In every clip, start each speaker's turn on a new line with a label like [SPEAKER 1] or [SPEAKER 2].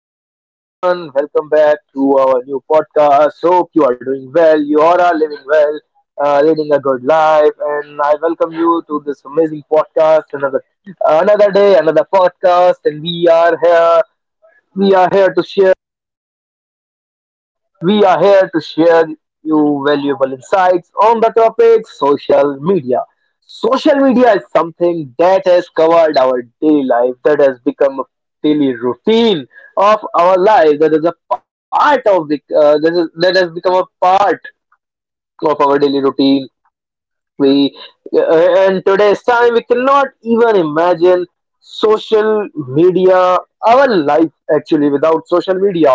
[SPEAKER 1] Hello, everyone. Welcome back to our new podcast. Hope you are doing well. You all are living well, leading a good life, and I welcome you to this amazing podcast. Another day, another podcast, and we are here. We are here to share. We are here to share you valuable insights on the topic social media. Social media is something that has covered our daily life, that has become a daily routine of our life, that is a part of the, that, is, that has become a part of our daily routine. We And today's time we cannot even imagine social media, our life actually without social media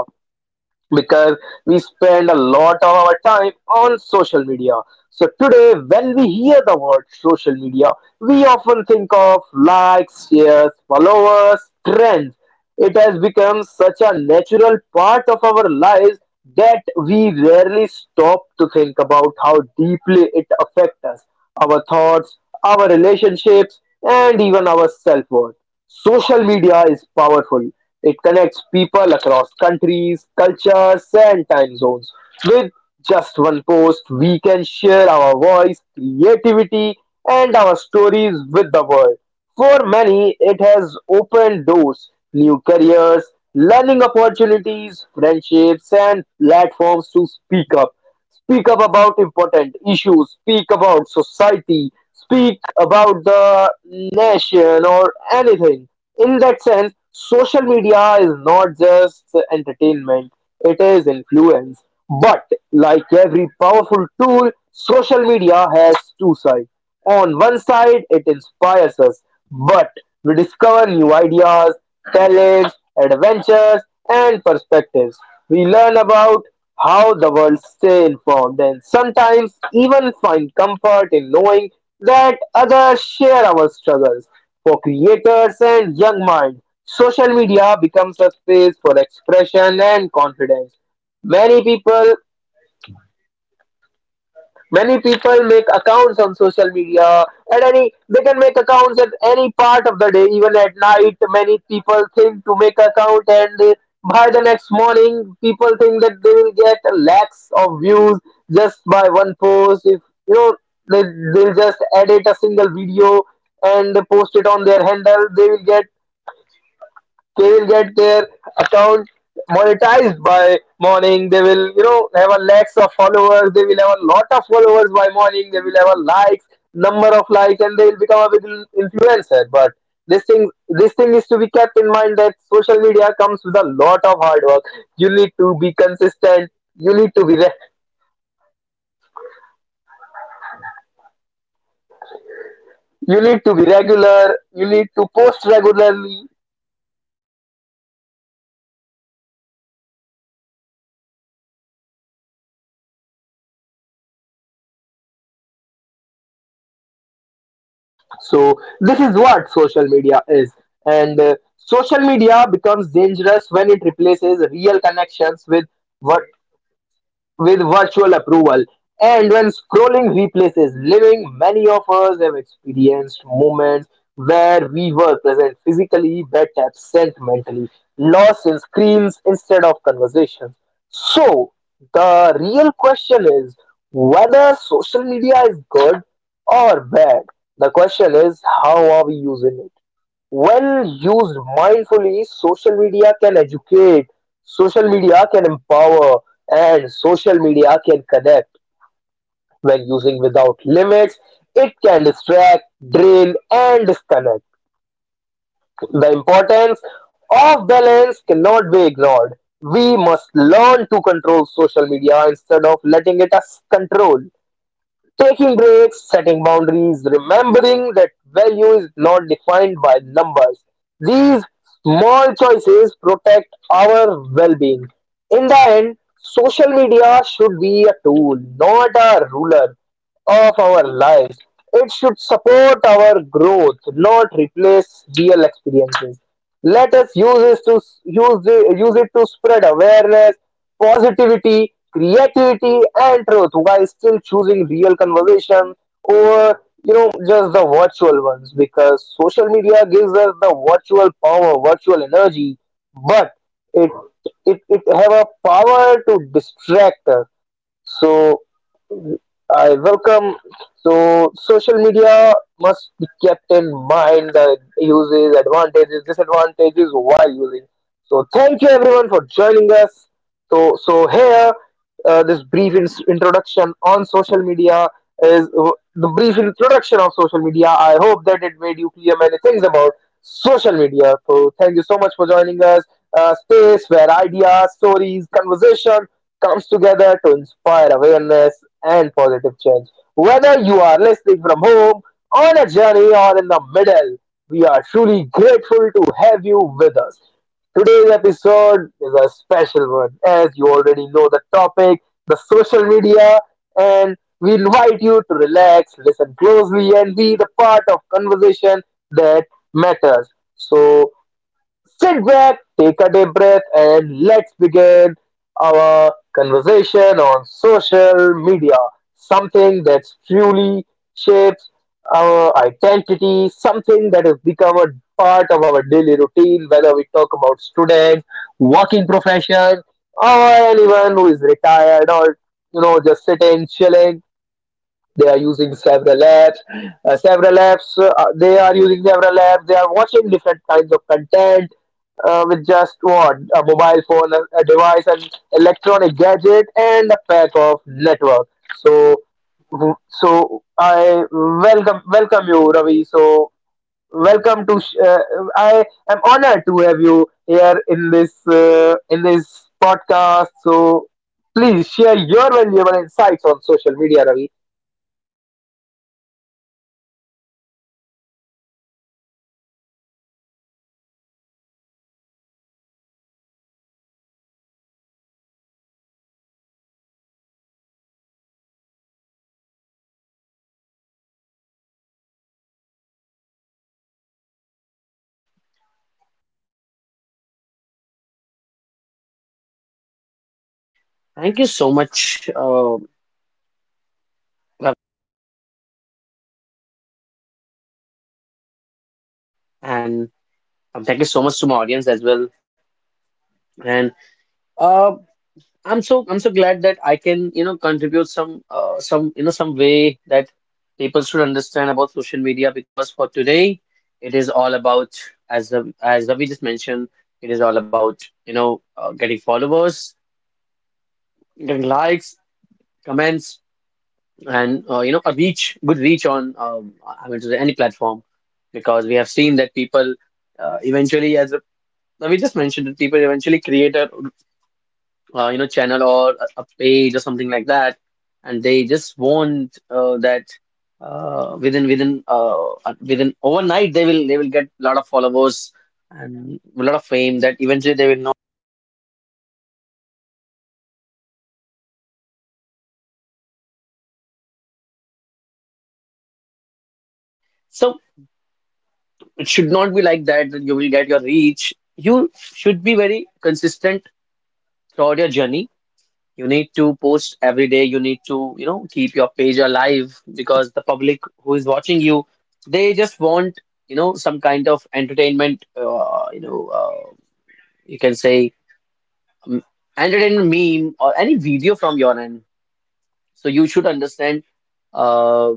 [SPEAKER 1] because we spend a lot of our time on social media. So today, when we hear the word social media, we often think of likes, shares, followers, trends. It has become such a natural part of our lives that we rarely stop to think about how deeply it affects us, our thoughts, our relationships, and even our self worth. Social media is powerful, it connects people across countries, cultures, and time zones. With just one post, we can share our voice, creativity, and our stories with the world. For many, it has opened doors, new careers, learning opportunities, friendships, and platforms to speak up. Speak up about important issues, speak about society, speak about the nation or anything. In that sense, social media is not just entertainment, it is influence. But like every powerful tool, social media has two sides. On one side, it inspires us, but we discover new ideas, talents, adventures, and perspectives. We learn about how the world stay informed and sometimes even find comfort in knowing that others share our struggles. For creators and young minds, social media becomes a space for expression and confidence. Many people many people make accounts on social media at any, they can make accounts at any part of the day, even at night. Many people think to make account and by the next morning people think that they will get lakhs of views just by one post. If you know they, They'll just edit a single video and they post it on their handle, they will get their account monetized by morning. They will, you know, have a lakhs of followers, they will have a lot of followers by morning, they will have a likes number of likes, and they will become a big influencer. But this thing is to be kept in mind, that social media comes with a lot of hard work. You need to be consistent, you need to be re- you need to be regular, you need to post regularly. So this is what social media is, and social media becomes dangerous when it replaces real connections with virtual approval. And when scrolling replaces living, many of us have experienced moments where we were present physically but absent mentally, lost in screens instead of conversations. So, the real question is whether social media is good or bad. The question is, how are we using it? When used mindfully, social media can educate, social media can empower, and social media can connect. When using without limits, it can distract, drain, and disconnect. The importance of balance cannot be ignored. We must learn to control social media instead of letting it us control. Taking breaks, setting boundaries, remembering that value is not defined by numbers. These small choices protect our well being. In the end, social media should be a tool, not a ruler of our lives. It should support our growth, not replace real experiences. Let us use it to spread awareness, positivity, creativity, and truth, while still choosing real conversation over, you know, just the virtual ones, because social media gives us the virtual power, virtual energy, but it it have a power to distract us. So I welcome. So social media must be kept in mind, the uses, advantages, disadvantages while using. So thank you everyone for joining us. So here, this brief introduction on social media is the brief introduction of social media. I hope that it made you clear many things about social media. So thank you so much for joining us. Space where ideas, stories, conversation comes together to inspire awareness and positive change. Whether you are listening from home, on a journey, or in the middle, we are truly grateful to have you with us. Today's episode is a special one, as you already know the topic, the social media, and we invite you to relax, listen closely, and be the part of conversation that matters. So, sit back, take a deep breath, and let's begin our conversation on social media. Something that truly shapes our identity, something that has become a part of our daily routine, whether we talk about students, working profession, or anyone who is retired or, you know, just sitting, chilling. They are using several apps, several apps they are using several apps, they are watching different kinds of content, with just what, a mobile phone, a device, an electronic gadget and a pack of network. So so I welcome you Ravi. So welcome to I am honored to have you here in this podcast. So please share your valuable insights on social media, Ravi.
[SPEAKER 2] Thank you so much, Ab- and thank you so much to my audience as well. And uh, I'm so I'm so glad that I can contribute some you know some way that people should understand about social media because for today it is all about as Ravi just mentioned, it is all about getting followers, getting likes, comments, and a reach, good reach on I mean to say any platform, because we have seen that people eventually as Now we just mentioned that people eventually create a channel or a page or something like that, and they just want that within overnight they will get a lot of followers and a lot of fame that eventually they will know. So it should not be like that, that you will get your reach. You should be very consistent throughout your journey. You need to post every day. You need to, you know, keep your page alive, because the public who is watching you, they just want, you know, some kind of entertainment, you can say, um, entertainment meme or any video from your end. So you should understand uh,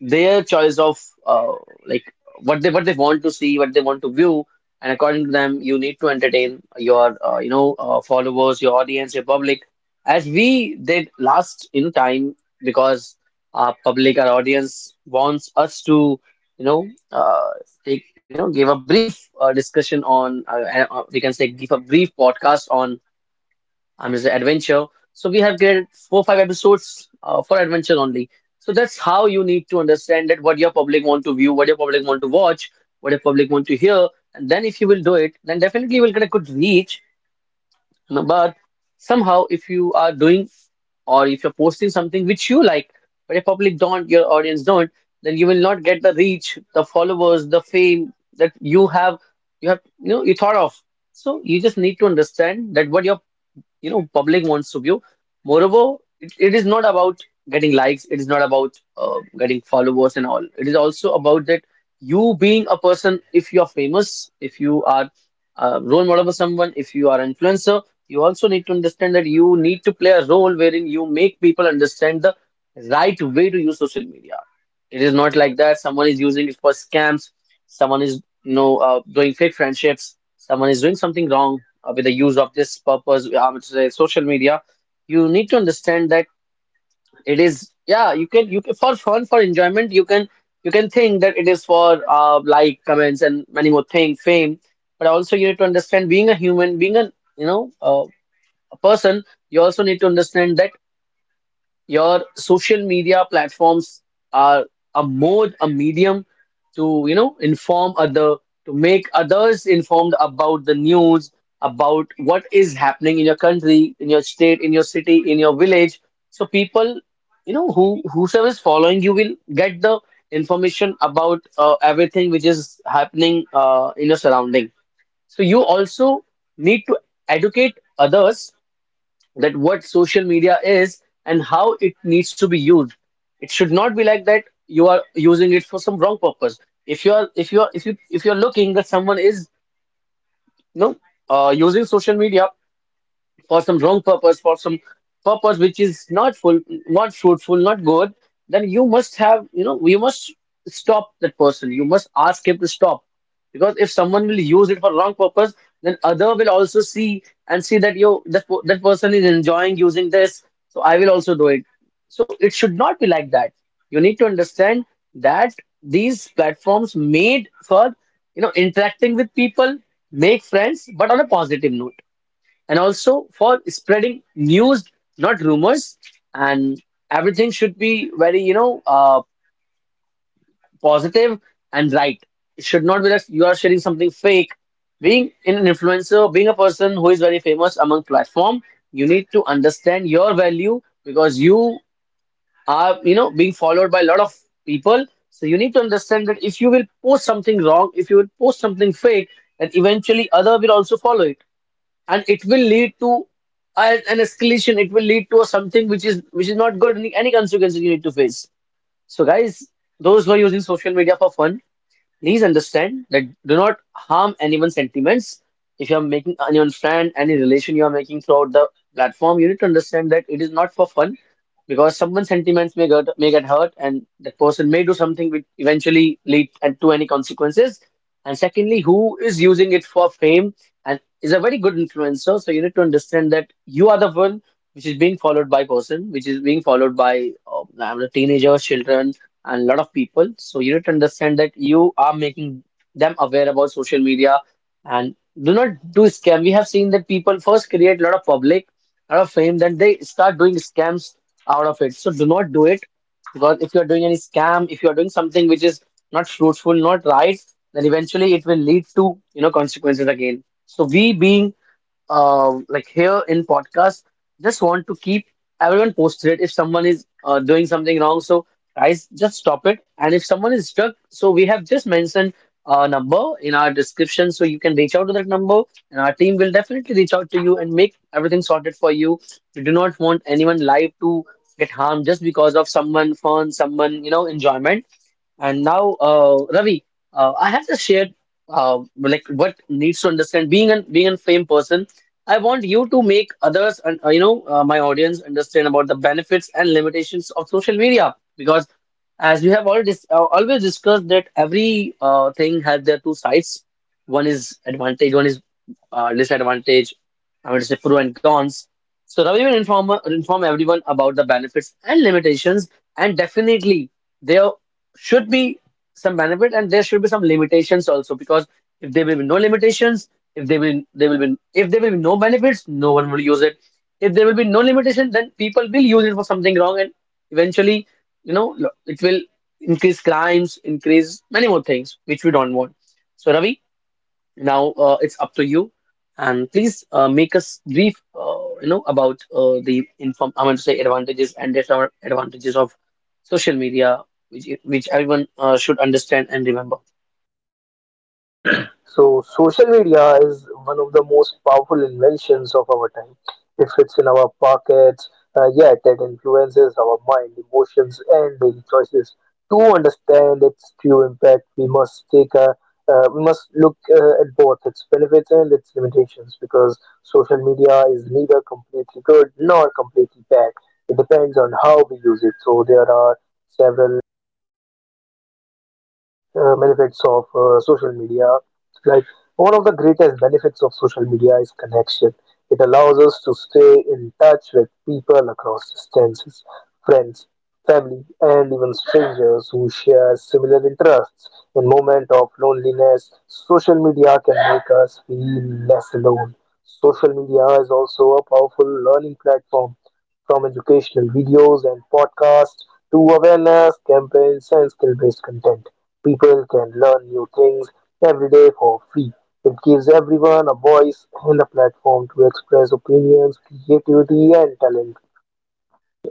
[SPEAKER 2] their choice of, uh, like, what they want to see, what they want to view, and according to them, you need to entertain your followers, your audience, your public, as we did last in time. Because our public, our audience wants us to you know take you know give a brief discussion on, we can say, give a brief podcast on, I'm just an adventure. So we have created 4 5 episodes for adventures only. So that's how you need to understand that what your public want to view, what your public want to watch, what your public want to hear, and then if you will do it, then definitely you will get a good reach. No. But somehow, if you are doing, or if you're posting something which you like, but your public don't, your audience don't, then you will not get the reach, the followers, the fame that you know, you thought of. So you just need to understand that what your, you know, public wants to view. Moreover, it is not about getting likes, it is not about getting followers and all, it is also about that you being a person, if you are famous, if you are a role model for someone, if you are an influencer, you also need to understand that you need to play a role wherein you make people understand the right way to use social media. It is not like that. Someone is using it for scams. Someone is, you know, doing fake friendships. Someone is doing something wrong with the use of this purpose, I would say, social media. You need to understand that it is, yeah, you can, for fun, for enjoyment, you can think that it is for like, comments, and many more thing, fame. But also, you need to understand, being a human, being a, you know, uh, a person. You also need to understand that your social media platforms are a mode, a medium to, you know, inform other, to make others informed about the news, about what is happening in your country, in your state, in your city, in your village. So people, you know, who whosoever is following you will get the information about everything which is happening in your surrounding. So you also need to educate others that what social media is and how it needs to be used. It should not be like that you are using it for some wrong purpose. If you are, if you're looking that someone is, you know, using social media for some wrong purpose, for some purpose which is not full, not fruitful, not good, then you must have, you know, you must stop that person. You must ask him to stop. Because if someone will use it for wrong purpose, then other will also see and see that yo, that, that person is enjoying using this, so I will also do it. So it should not be like that. You need to understand that these platforms made for, you know, interacting with people, make friends, but on a positive note, and also for spreading news, not rumors. And everything should be very, positive and right. It should not be that you are sharing something fake. Being an influencer, being a person who is very famous among platform, you need to understand your value, because you are, you know, being followed by a lot of people. So you need to understand that if you will post something wrong, if you will post something fake, then eventually other will also follow it, and it will lead to an escalation, it will lead to something which is, which is not good, any consequences you need to face. So guys, those who are using social media for fun, please understand that do not harm anyone's sentiments. If you are making anyone's friend, any relation you are making throughout the platform, you need to understand that it is not for fun, because someone's sentiments may get hurt, and that person may do something which eventually lead and to any consequences. And secondly, who is using it for fame and is a very good influencer, so you need to understand that you are the one which is being followed by person, which is being followed by I mean, teenagers, children, and a lot of people. So you need to understand that you are making them aware about social media, and do not do scam. We have seen that people first create a lot of public, a lot of fame, then they start doing scams out of it. So do not do it, because if you are doing any scam, if you are doing something which is not fruitful, not right, then eventually it will lead to, you know, consequences again. So we, being like, here in podcast, just want to keep everyone posted. If someone is doing something wrong, so guys, just stop it. And if someone is stuck, so we have just mentioned a number in our description, so you can reach out to that number, and our team will definitely reach out to you and make everything sorted for you. We do not want anyone life to get harmed just because of someone fun, someone, you know, enjoyment. And now, Ravi, I have just shared, like, what needs to understand, being an being a fame person. I want you to make others and, my audience understand about the benefits and limitations of social media, because as we have already always discussed that every thing has their two sides. One is advantage, one is disadvantage. I mean to say pro and cons. So Ravi will inform everyone about the benefits and limitations, and definitely there should be some benefit, and there should be some limitations also, because if there will be no limitations, if there will be no benefits, no one will use it. If there will be no limitation, then people will use it for something wrong, and eventually, you know, it will increase crimes, increase many more things which we don't want. So Ravi, now it's up to you, and please make us brief, about the inform. I want to say advantages and disadvantages of social media, which everyone should understand and remember.
[SPEAKER 1] So, social media is one of the most powerful inventions of our time. It fits in our pockets, yet it influences our mind, emotions, and daily choices. To understand its true impact, we must look at both its benefits and its limitations, because social media is neither completely good nor completely bad. It depends on how we use it. So there are several benefits of social media. Like one of the greatest benefits of social media is connection. It allows us to stay in touch with people across distances, friends, family, and even strangers who share similar interests. In moment of loneliness, social media can make us feel less alone. Social media is also a powerful learning platform, from educational videos and podcasts to awareness campaigns and skill based content. People can learn new things every day for free. It gives everyone a voice and a platform to express opinions, creativity, and talent.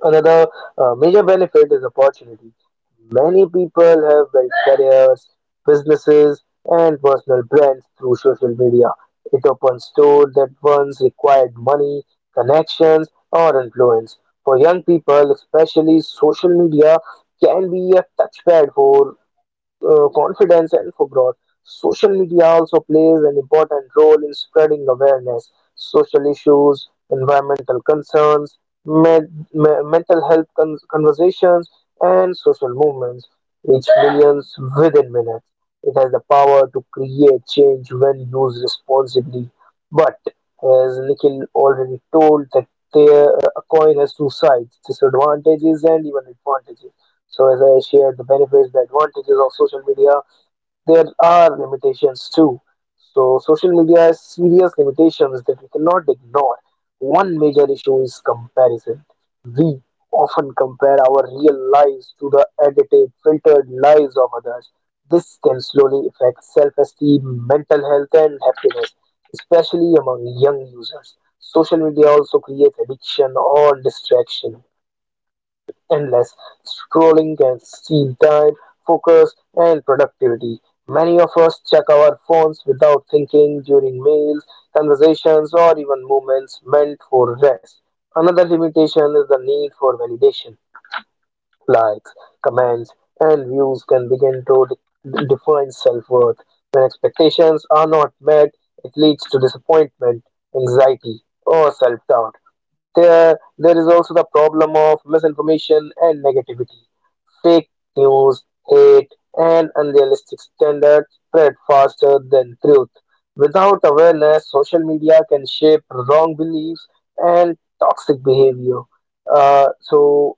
[SPEAKER 1] Another major benefit is opportunity. Many people have built careers, businesses, and personal brands through social media. It opens doors that once required money, connections, or influence. For young people, especially, social media can be a touchpad for confidence and for growth. Social media also plays an important role in spreading awareness, social issues, environmental concerns, mental health conversations, and social movements, reach millions within minutes. It has the power to create change when used responsibly. But as Nikhil already told, that there, a coin has two sides, disadvantages and even advantages. So, as I shared the benefits, the advantages of social media, there are limitations too. So, social media has serious limitations that we cannot ignore. One major issue is comparison. We often compare our real lives to the edited, filtered lives of others. This can slowly affect self esteem, mental health, and happiness, especially among young users. Social media also creates addiction or distraction. Endless scrolling can steal time, focus, and productivity. Many of us check our phones without thinking during meals, conversations, or even moments meant for rest. Another limitation is the need for validation. Likes, comments, and views can begin to define self worth. When expectations are not met, it leads to disappointment, anxiety, or self doubt. There is also the problem of misinformation and negativity. Fake news, hate, and unrealistic standards spread faster than truth. Without awareness, social media can shape wrong beliefs and toxic behavior. So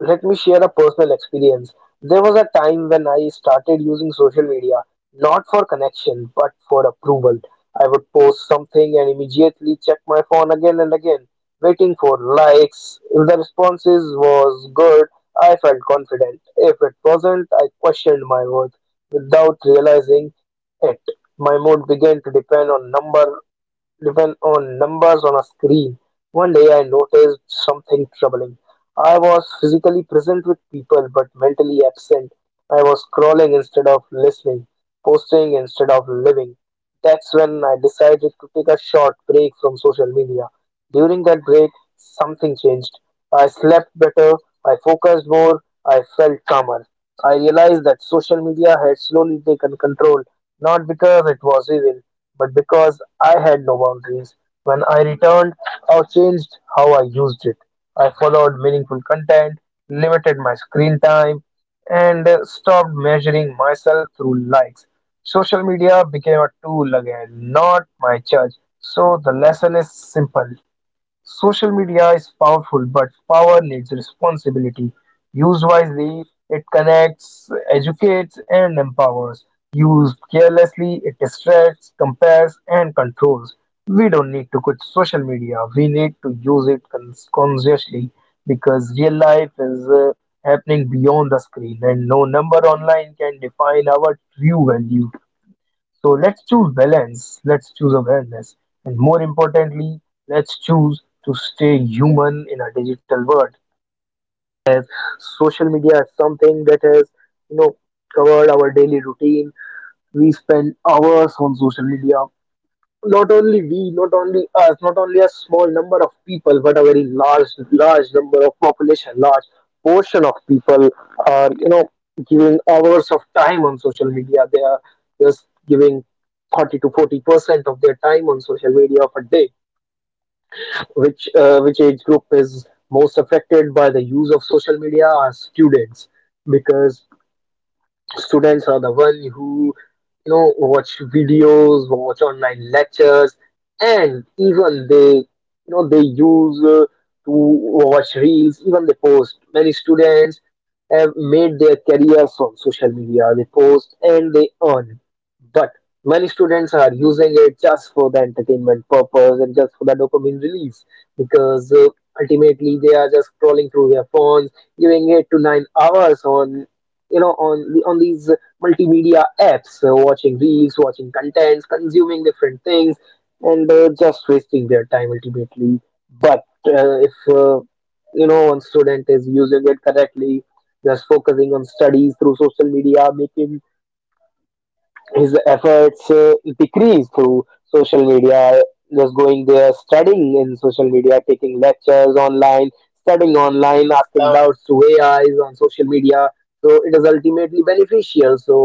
[SPEAKER 1] let me share a personal experience. There was a time when I started using social media not for connection but for approval. I would post something and immediately check my phone again and again, waiting for likes. If the responses was good, I felt confident. If it wasn't, I questioned my worth without realizing it. My mood began to depend on number, even on numbers on a screen. One day I noticed something troubling. I was physically present with people but mentally absent. I was scrolling instead of listening, posting instead of living. That's when I decided to take a short break from social media. During that break, something changed. I slept better, I focused more, I felt calmer. I realized that social media had slowly taken control, not because it was evil, but because I had no boundaries. When I returned, or changed how I used it, I followed meaningful content, limited my screen time, and stopped measuring myself through likes. Social media became a tool again, not my church. So the lesson is simple. Social media is powerful, but power needs responsibility. Used wisely, it connects, educates, and empowers. Used carelessly, it distracts, compares, and controls. We don't need to quit social media. We need to use it consciously, because real life is happening beyond the screen, and no number online can define our true value. So let's choose balance, let's choose awareness, and more importantly, let's choose to stay human in a digital world. Social media is something that has, you know, covered our daily routine. We spend hours on social media, not only we, not only us, not only a small number of people, but a very large number of population, large portion of people are, giving hours of time on social media. They are just giving 30 to 40% of their time on social media of a day. Which age group is most affected by the use of social media are students, because students are the one who, you know, watch videos, watch online lectures, and even they you know they use to watch reels. Even they post. Many students have made their career from social media. They post and they earn, but many students are using it just for the entertainment purpose and just for the dopamine release, because ultimately they are just scrolling through their phones, giving 8 to 9 hours on, on the on these multimedia apps, watching reels, watching contents, consuming different things, and just wasting their time ultimately. But if one student is using it correctly, just focusing on studies through social media, making his efforts decrease through social media, just going there, studying in social media, taking lectures online, studying online, asking doubts to ais on social media, so it is ultimately beneficial. So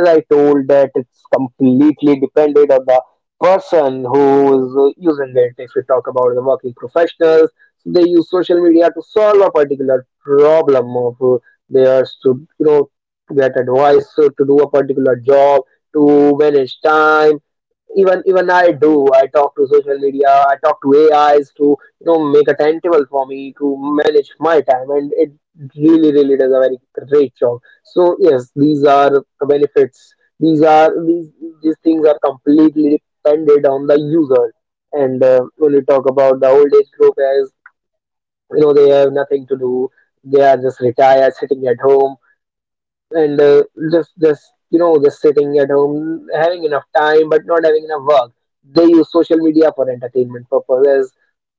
[SPEAKER 1] as I told, that it's completely dependent on the person who is using it. If we talk about the working professionals, so they use social media to solve a particular problem of theirs, to to get advice, to do a particular job, to manage time. Even I do. I talk to social media. I talk to AIs to, make a timetable for me, to manage my time, and it really does a very great job. So yes, these are the benefits. These are these these things are completely dependent on the user. And when we talk about the old age group, as you know, they have nothing to do. They are just retired, sitting at home, and just just sitting at home, having enough time but not having enough work. They use social media for entertainment purposes.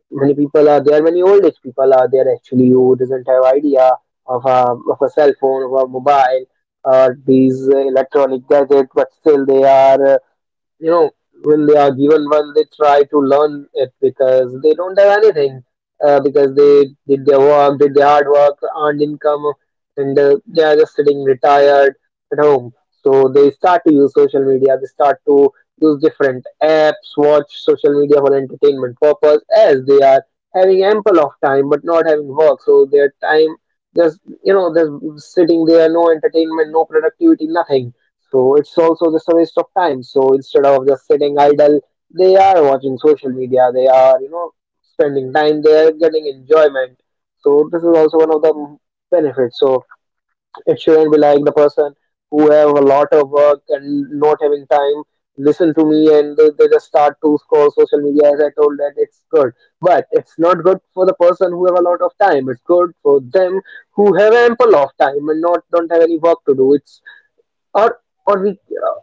[SPEAKER 1] Many people are there, many old age people are there actually who doesn't have idea of a cell phone, of a mobile or these electronic gadget, but still they are, you know, when they are given one, they try to learn it because they don't have anything. Because they did their work, did their hard work, earned income, and they are just sitting retired at home. So they start to use social media. They start to use different apps, watch social media for entertainment purpose, as they are having ample of time but not having work. So their time just, just sitting there, no entertainment, no productivity, nothing, so it's also just a waste of time. So instead of just sitting idle, they are watching social media. They are, you know, spending time. They are getting enjoyment. So this is also one of the benefits. So it shouldn't be like the person who have a lot of work and not having time listen to me and they just start to scroll social media, as I told, that it's good, but it's not good for the person who have a lot of time. It's good for them who have ample of time and not don't have any work to do. It's or or we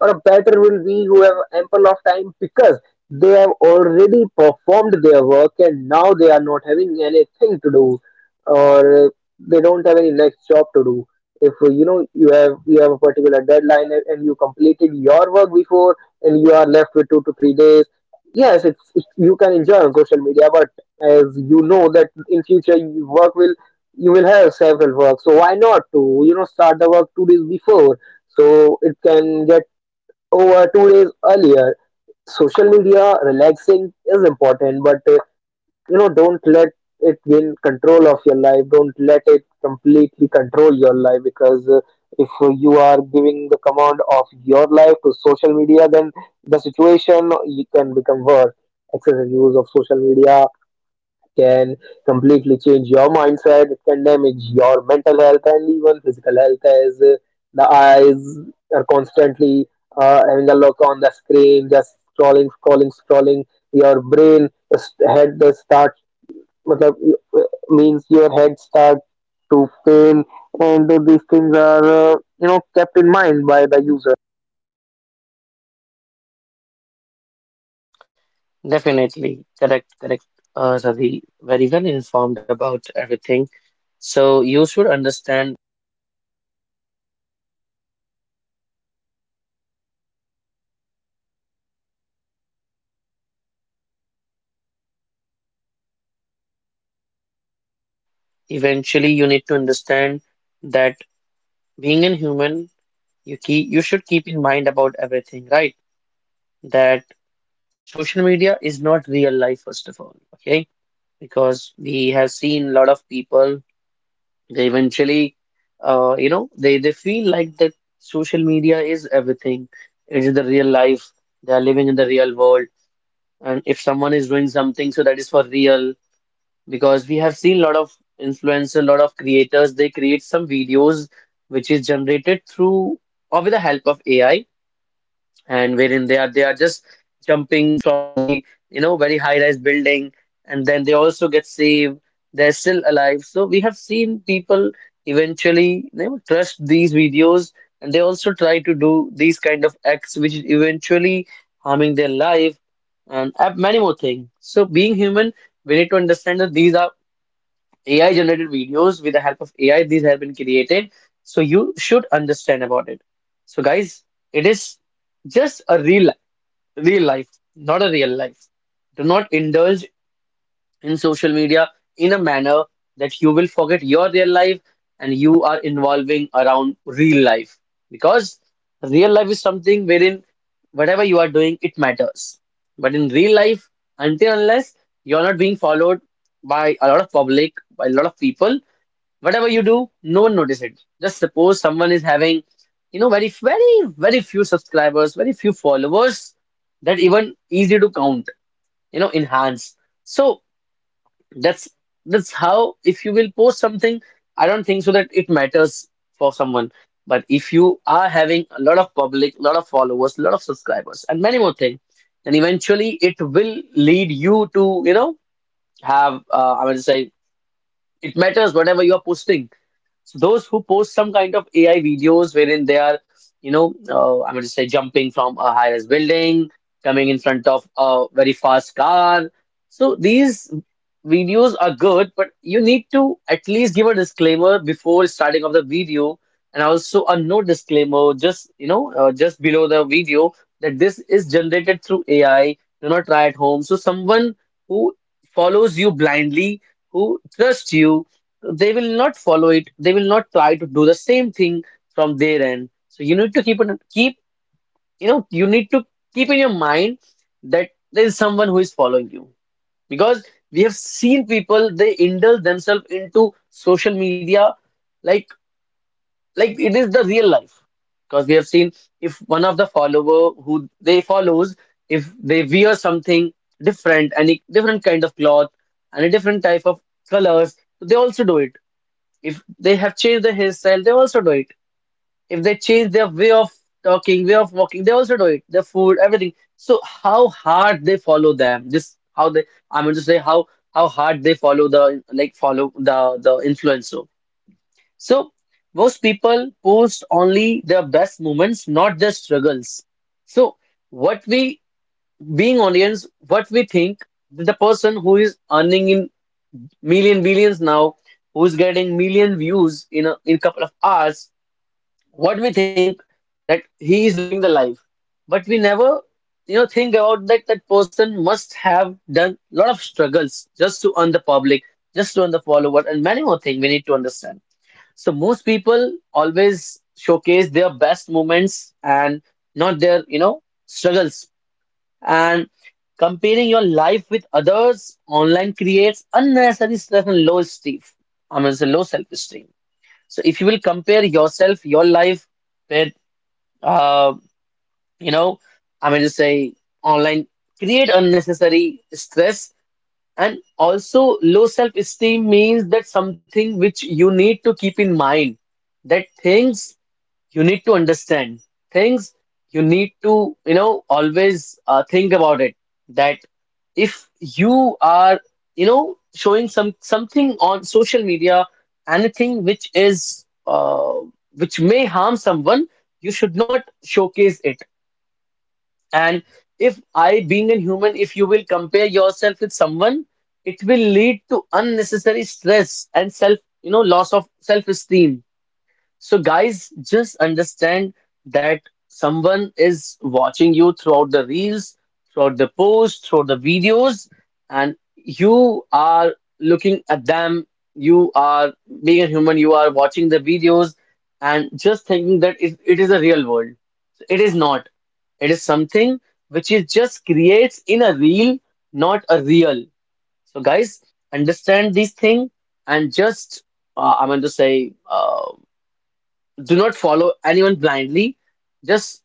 [SPEAKER 1] or a batter will be who have ample of time, because they have already performed their work and now they are not having anything to do, or they don't have any next job to do. If you know, you have a particular deadline, and you completed your work before and you are left with 2 to 3 days, yes it's, you can enjoy on social media. But as you know that in future you work will, you will have several work, so why not to, you know, start the work 2 days before, so it can get over 2 days earlier. Social media relaxing is important, but you know, don't let it gain control of your life. Don't let it completely control your life, because if you are giving the command of your life to social media, then the situation you can become worse. Excessive use of social media can completely change your mindset. It can damage your mental health and even physical health, as the eyes are constantly having a look on the screen, just scrolling, scrolling, scrolling. Your brain, head does start, matlab, y- means your head start to pain, and these things are, kept in mind by the user.
[SPEAKER 2] Definitely. Correct, correct, Ravi. Very well informed about everything. So you should understand, eventually you need to understand that being a human, you should keep in mind about everything, right? That social media is not real life, first of all, okay? Because we have seen a lot of people, they eventually, you know, they feel like that social media is everything. It's the real life. They are living in the real world, and if someone is doing something, so that is for real. Because we have seen a lot of influencers, a lot of creators, they create some videos which is generated through or with the help of ai, and wherein they are just jumping from the very high rise building, and then they also get saved, they're still alive. So we have seen people eventually they would trust these videos, and they also try to do these kind of acts which is eventually harming their life, and many more things. So being human, we need to understand that these are AI generated videos. With the help of AI, these have been created. So you should understand about it. So guys, it is just a real life, not a real life. Do not indulge in social media in a manner that you will forget your real life and you are involving around real life. Because real life is something wherein whatever you are doing, it matters. But in real life, until unless you're not being followed by a lot of public, by a lot of people, whatever you do, no one notices it. Just suppose someone is having, very few subscribers, very few followers that even easy to count, enhance. So that's that's how if you will post something, I don't think so that it matters for someone. But if you are having a lot of public, lot of followers, lot of subscribers, and many more things, then eventually it will lead you to, have I would say it matters whatever you are posting. So those who post some kind of AI videos wherein they are, I'm going to say jumping from a high-rise building, coming in front of a very fast car. So these videos are good, but you need to at least give a disclaimer before starting of the video, and also a no disclaimer just just below the video that this is generated through AI. Do not try at home. So someone who follows you blindly, who trusts you, they will not follow it, they will not try to do the same thing from their end. So you need to keep, you need to keep in your mind that there is someone who is following you. Because we have seen people they indulge themselves into social media like like it is the real life. Because we have seen if one of the follower who they follows, if they wear something different, any different kind of cloth and a different type of colors, they also do it. If they have changed their hairstyle, they also do it. If they change their way of talking, way of walking, they also do it. Their food, everything. So how hard they follow them? This how they. I'm going to say how hard they follow the, like, follow the influencer. So most people post only their best moments, not their struggles. So what we being audience, what we think that the person who is earning in million billions now, who's getting million views in a in couple of hours, what we think that he is living the life, but we never think about that that person must have done a lot of struggles just to earn the public, just to earn the follower and many more things, we need to understand. So most people always showcase their best moments and not their struggles. And comparing your life with others online creates unnecessary stress and low esteem. I mean, it's a low self-esteem. So if you will compare yourself, your life with, uh, you know, I mean to say online, create unnecessary stress and also low self-esteem, means that something which you need to keep in mind that things you need to understand, things you need to always think about it. That if you are showing some something on social media, anything which is which may harm someone, you should not showcase it. And if I being a human, if you will compare yourself with someone, it will lead to unnecessary stress and self loss of self esteem. So, guys, just understand that someone is watching you throughout the reels, throughout the posts, throughout the videos, and you are looking at them. You are being a human, you are watching the videos and just thinking that it is a real world. So, it is not. It is something which is just creates in a reel, not a real. So, guys, understand this thing and just, I'm going to say, do not follow anyone blindly, just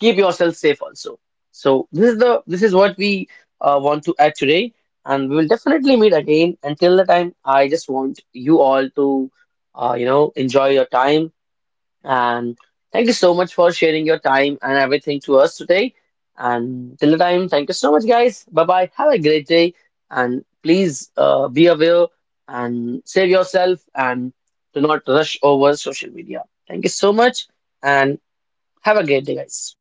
[SPEAKER 2] keep yourself safe also. So this is what we want to add today, and we will definitely meet again. Until the time, I just want you all to enjoy your time, and thank you so much for sharing your time and everything to us today. And till the time, thank you so much, guys. Bye bye. Have a great day. And please be aware and save yourself and do not rush over social media. Thank you so much and have a great day, guys.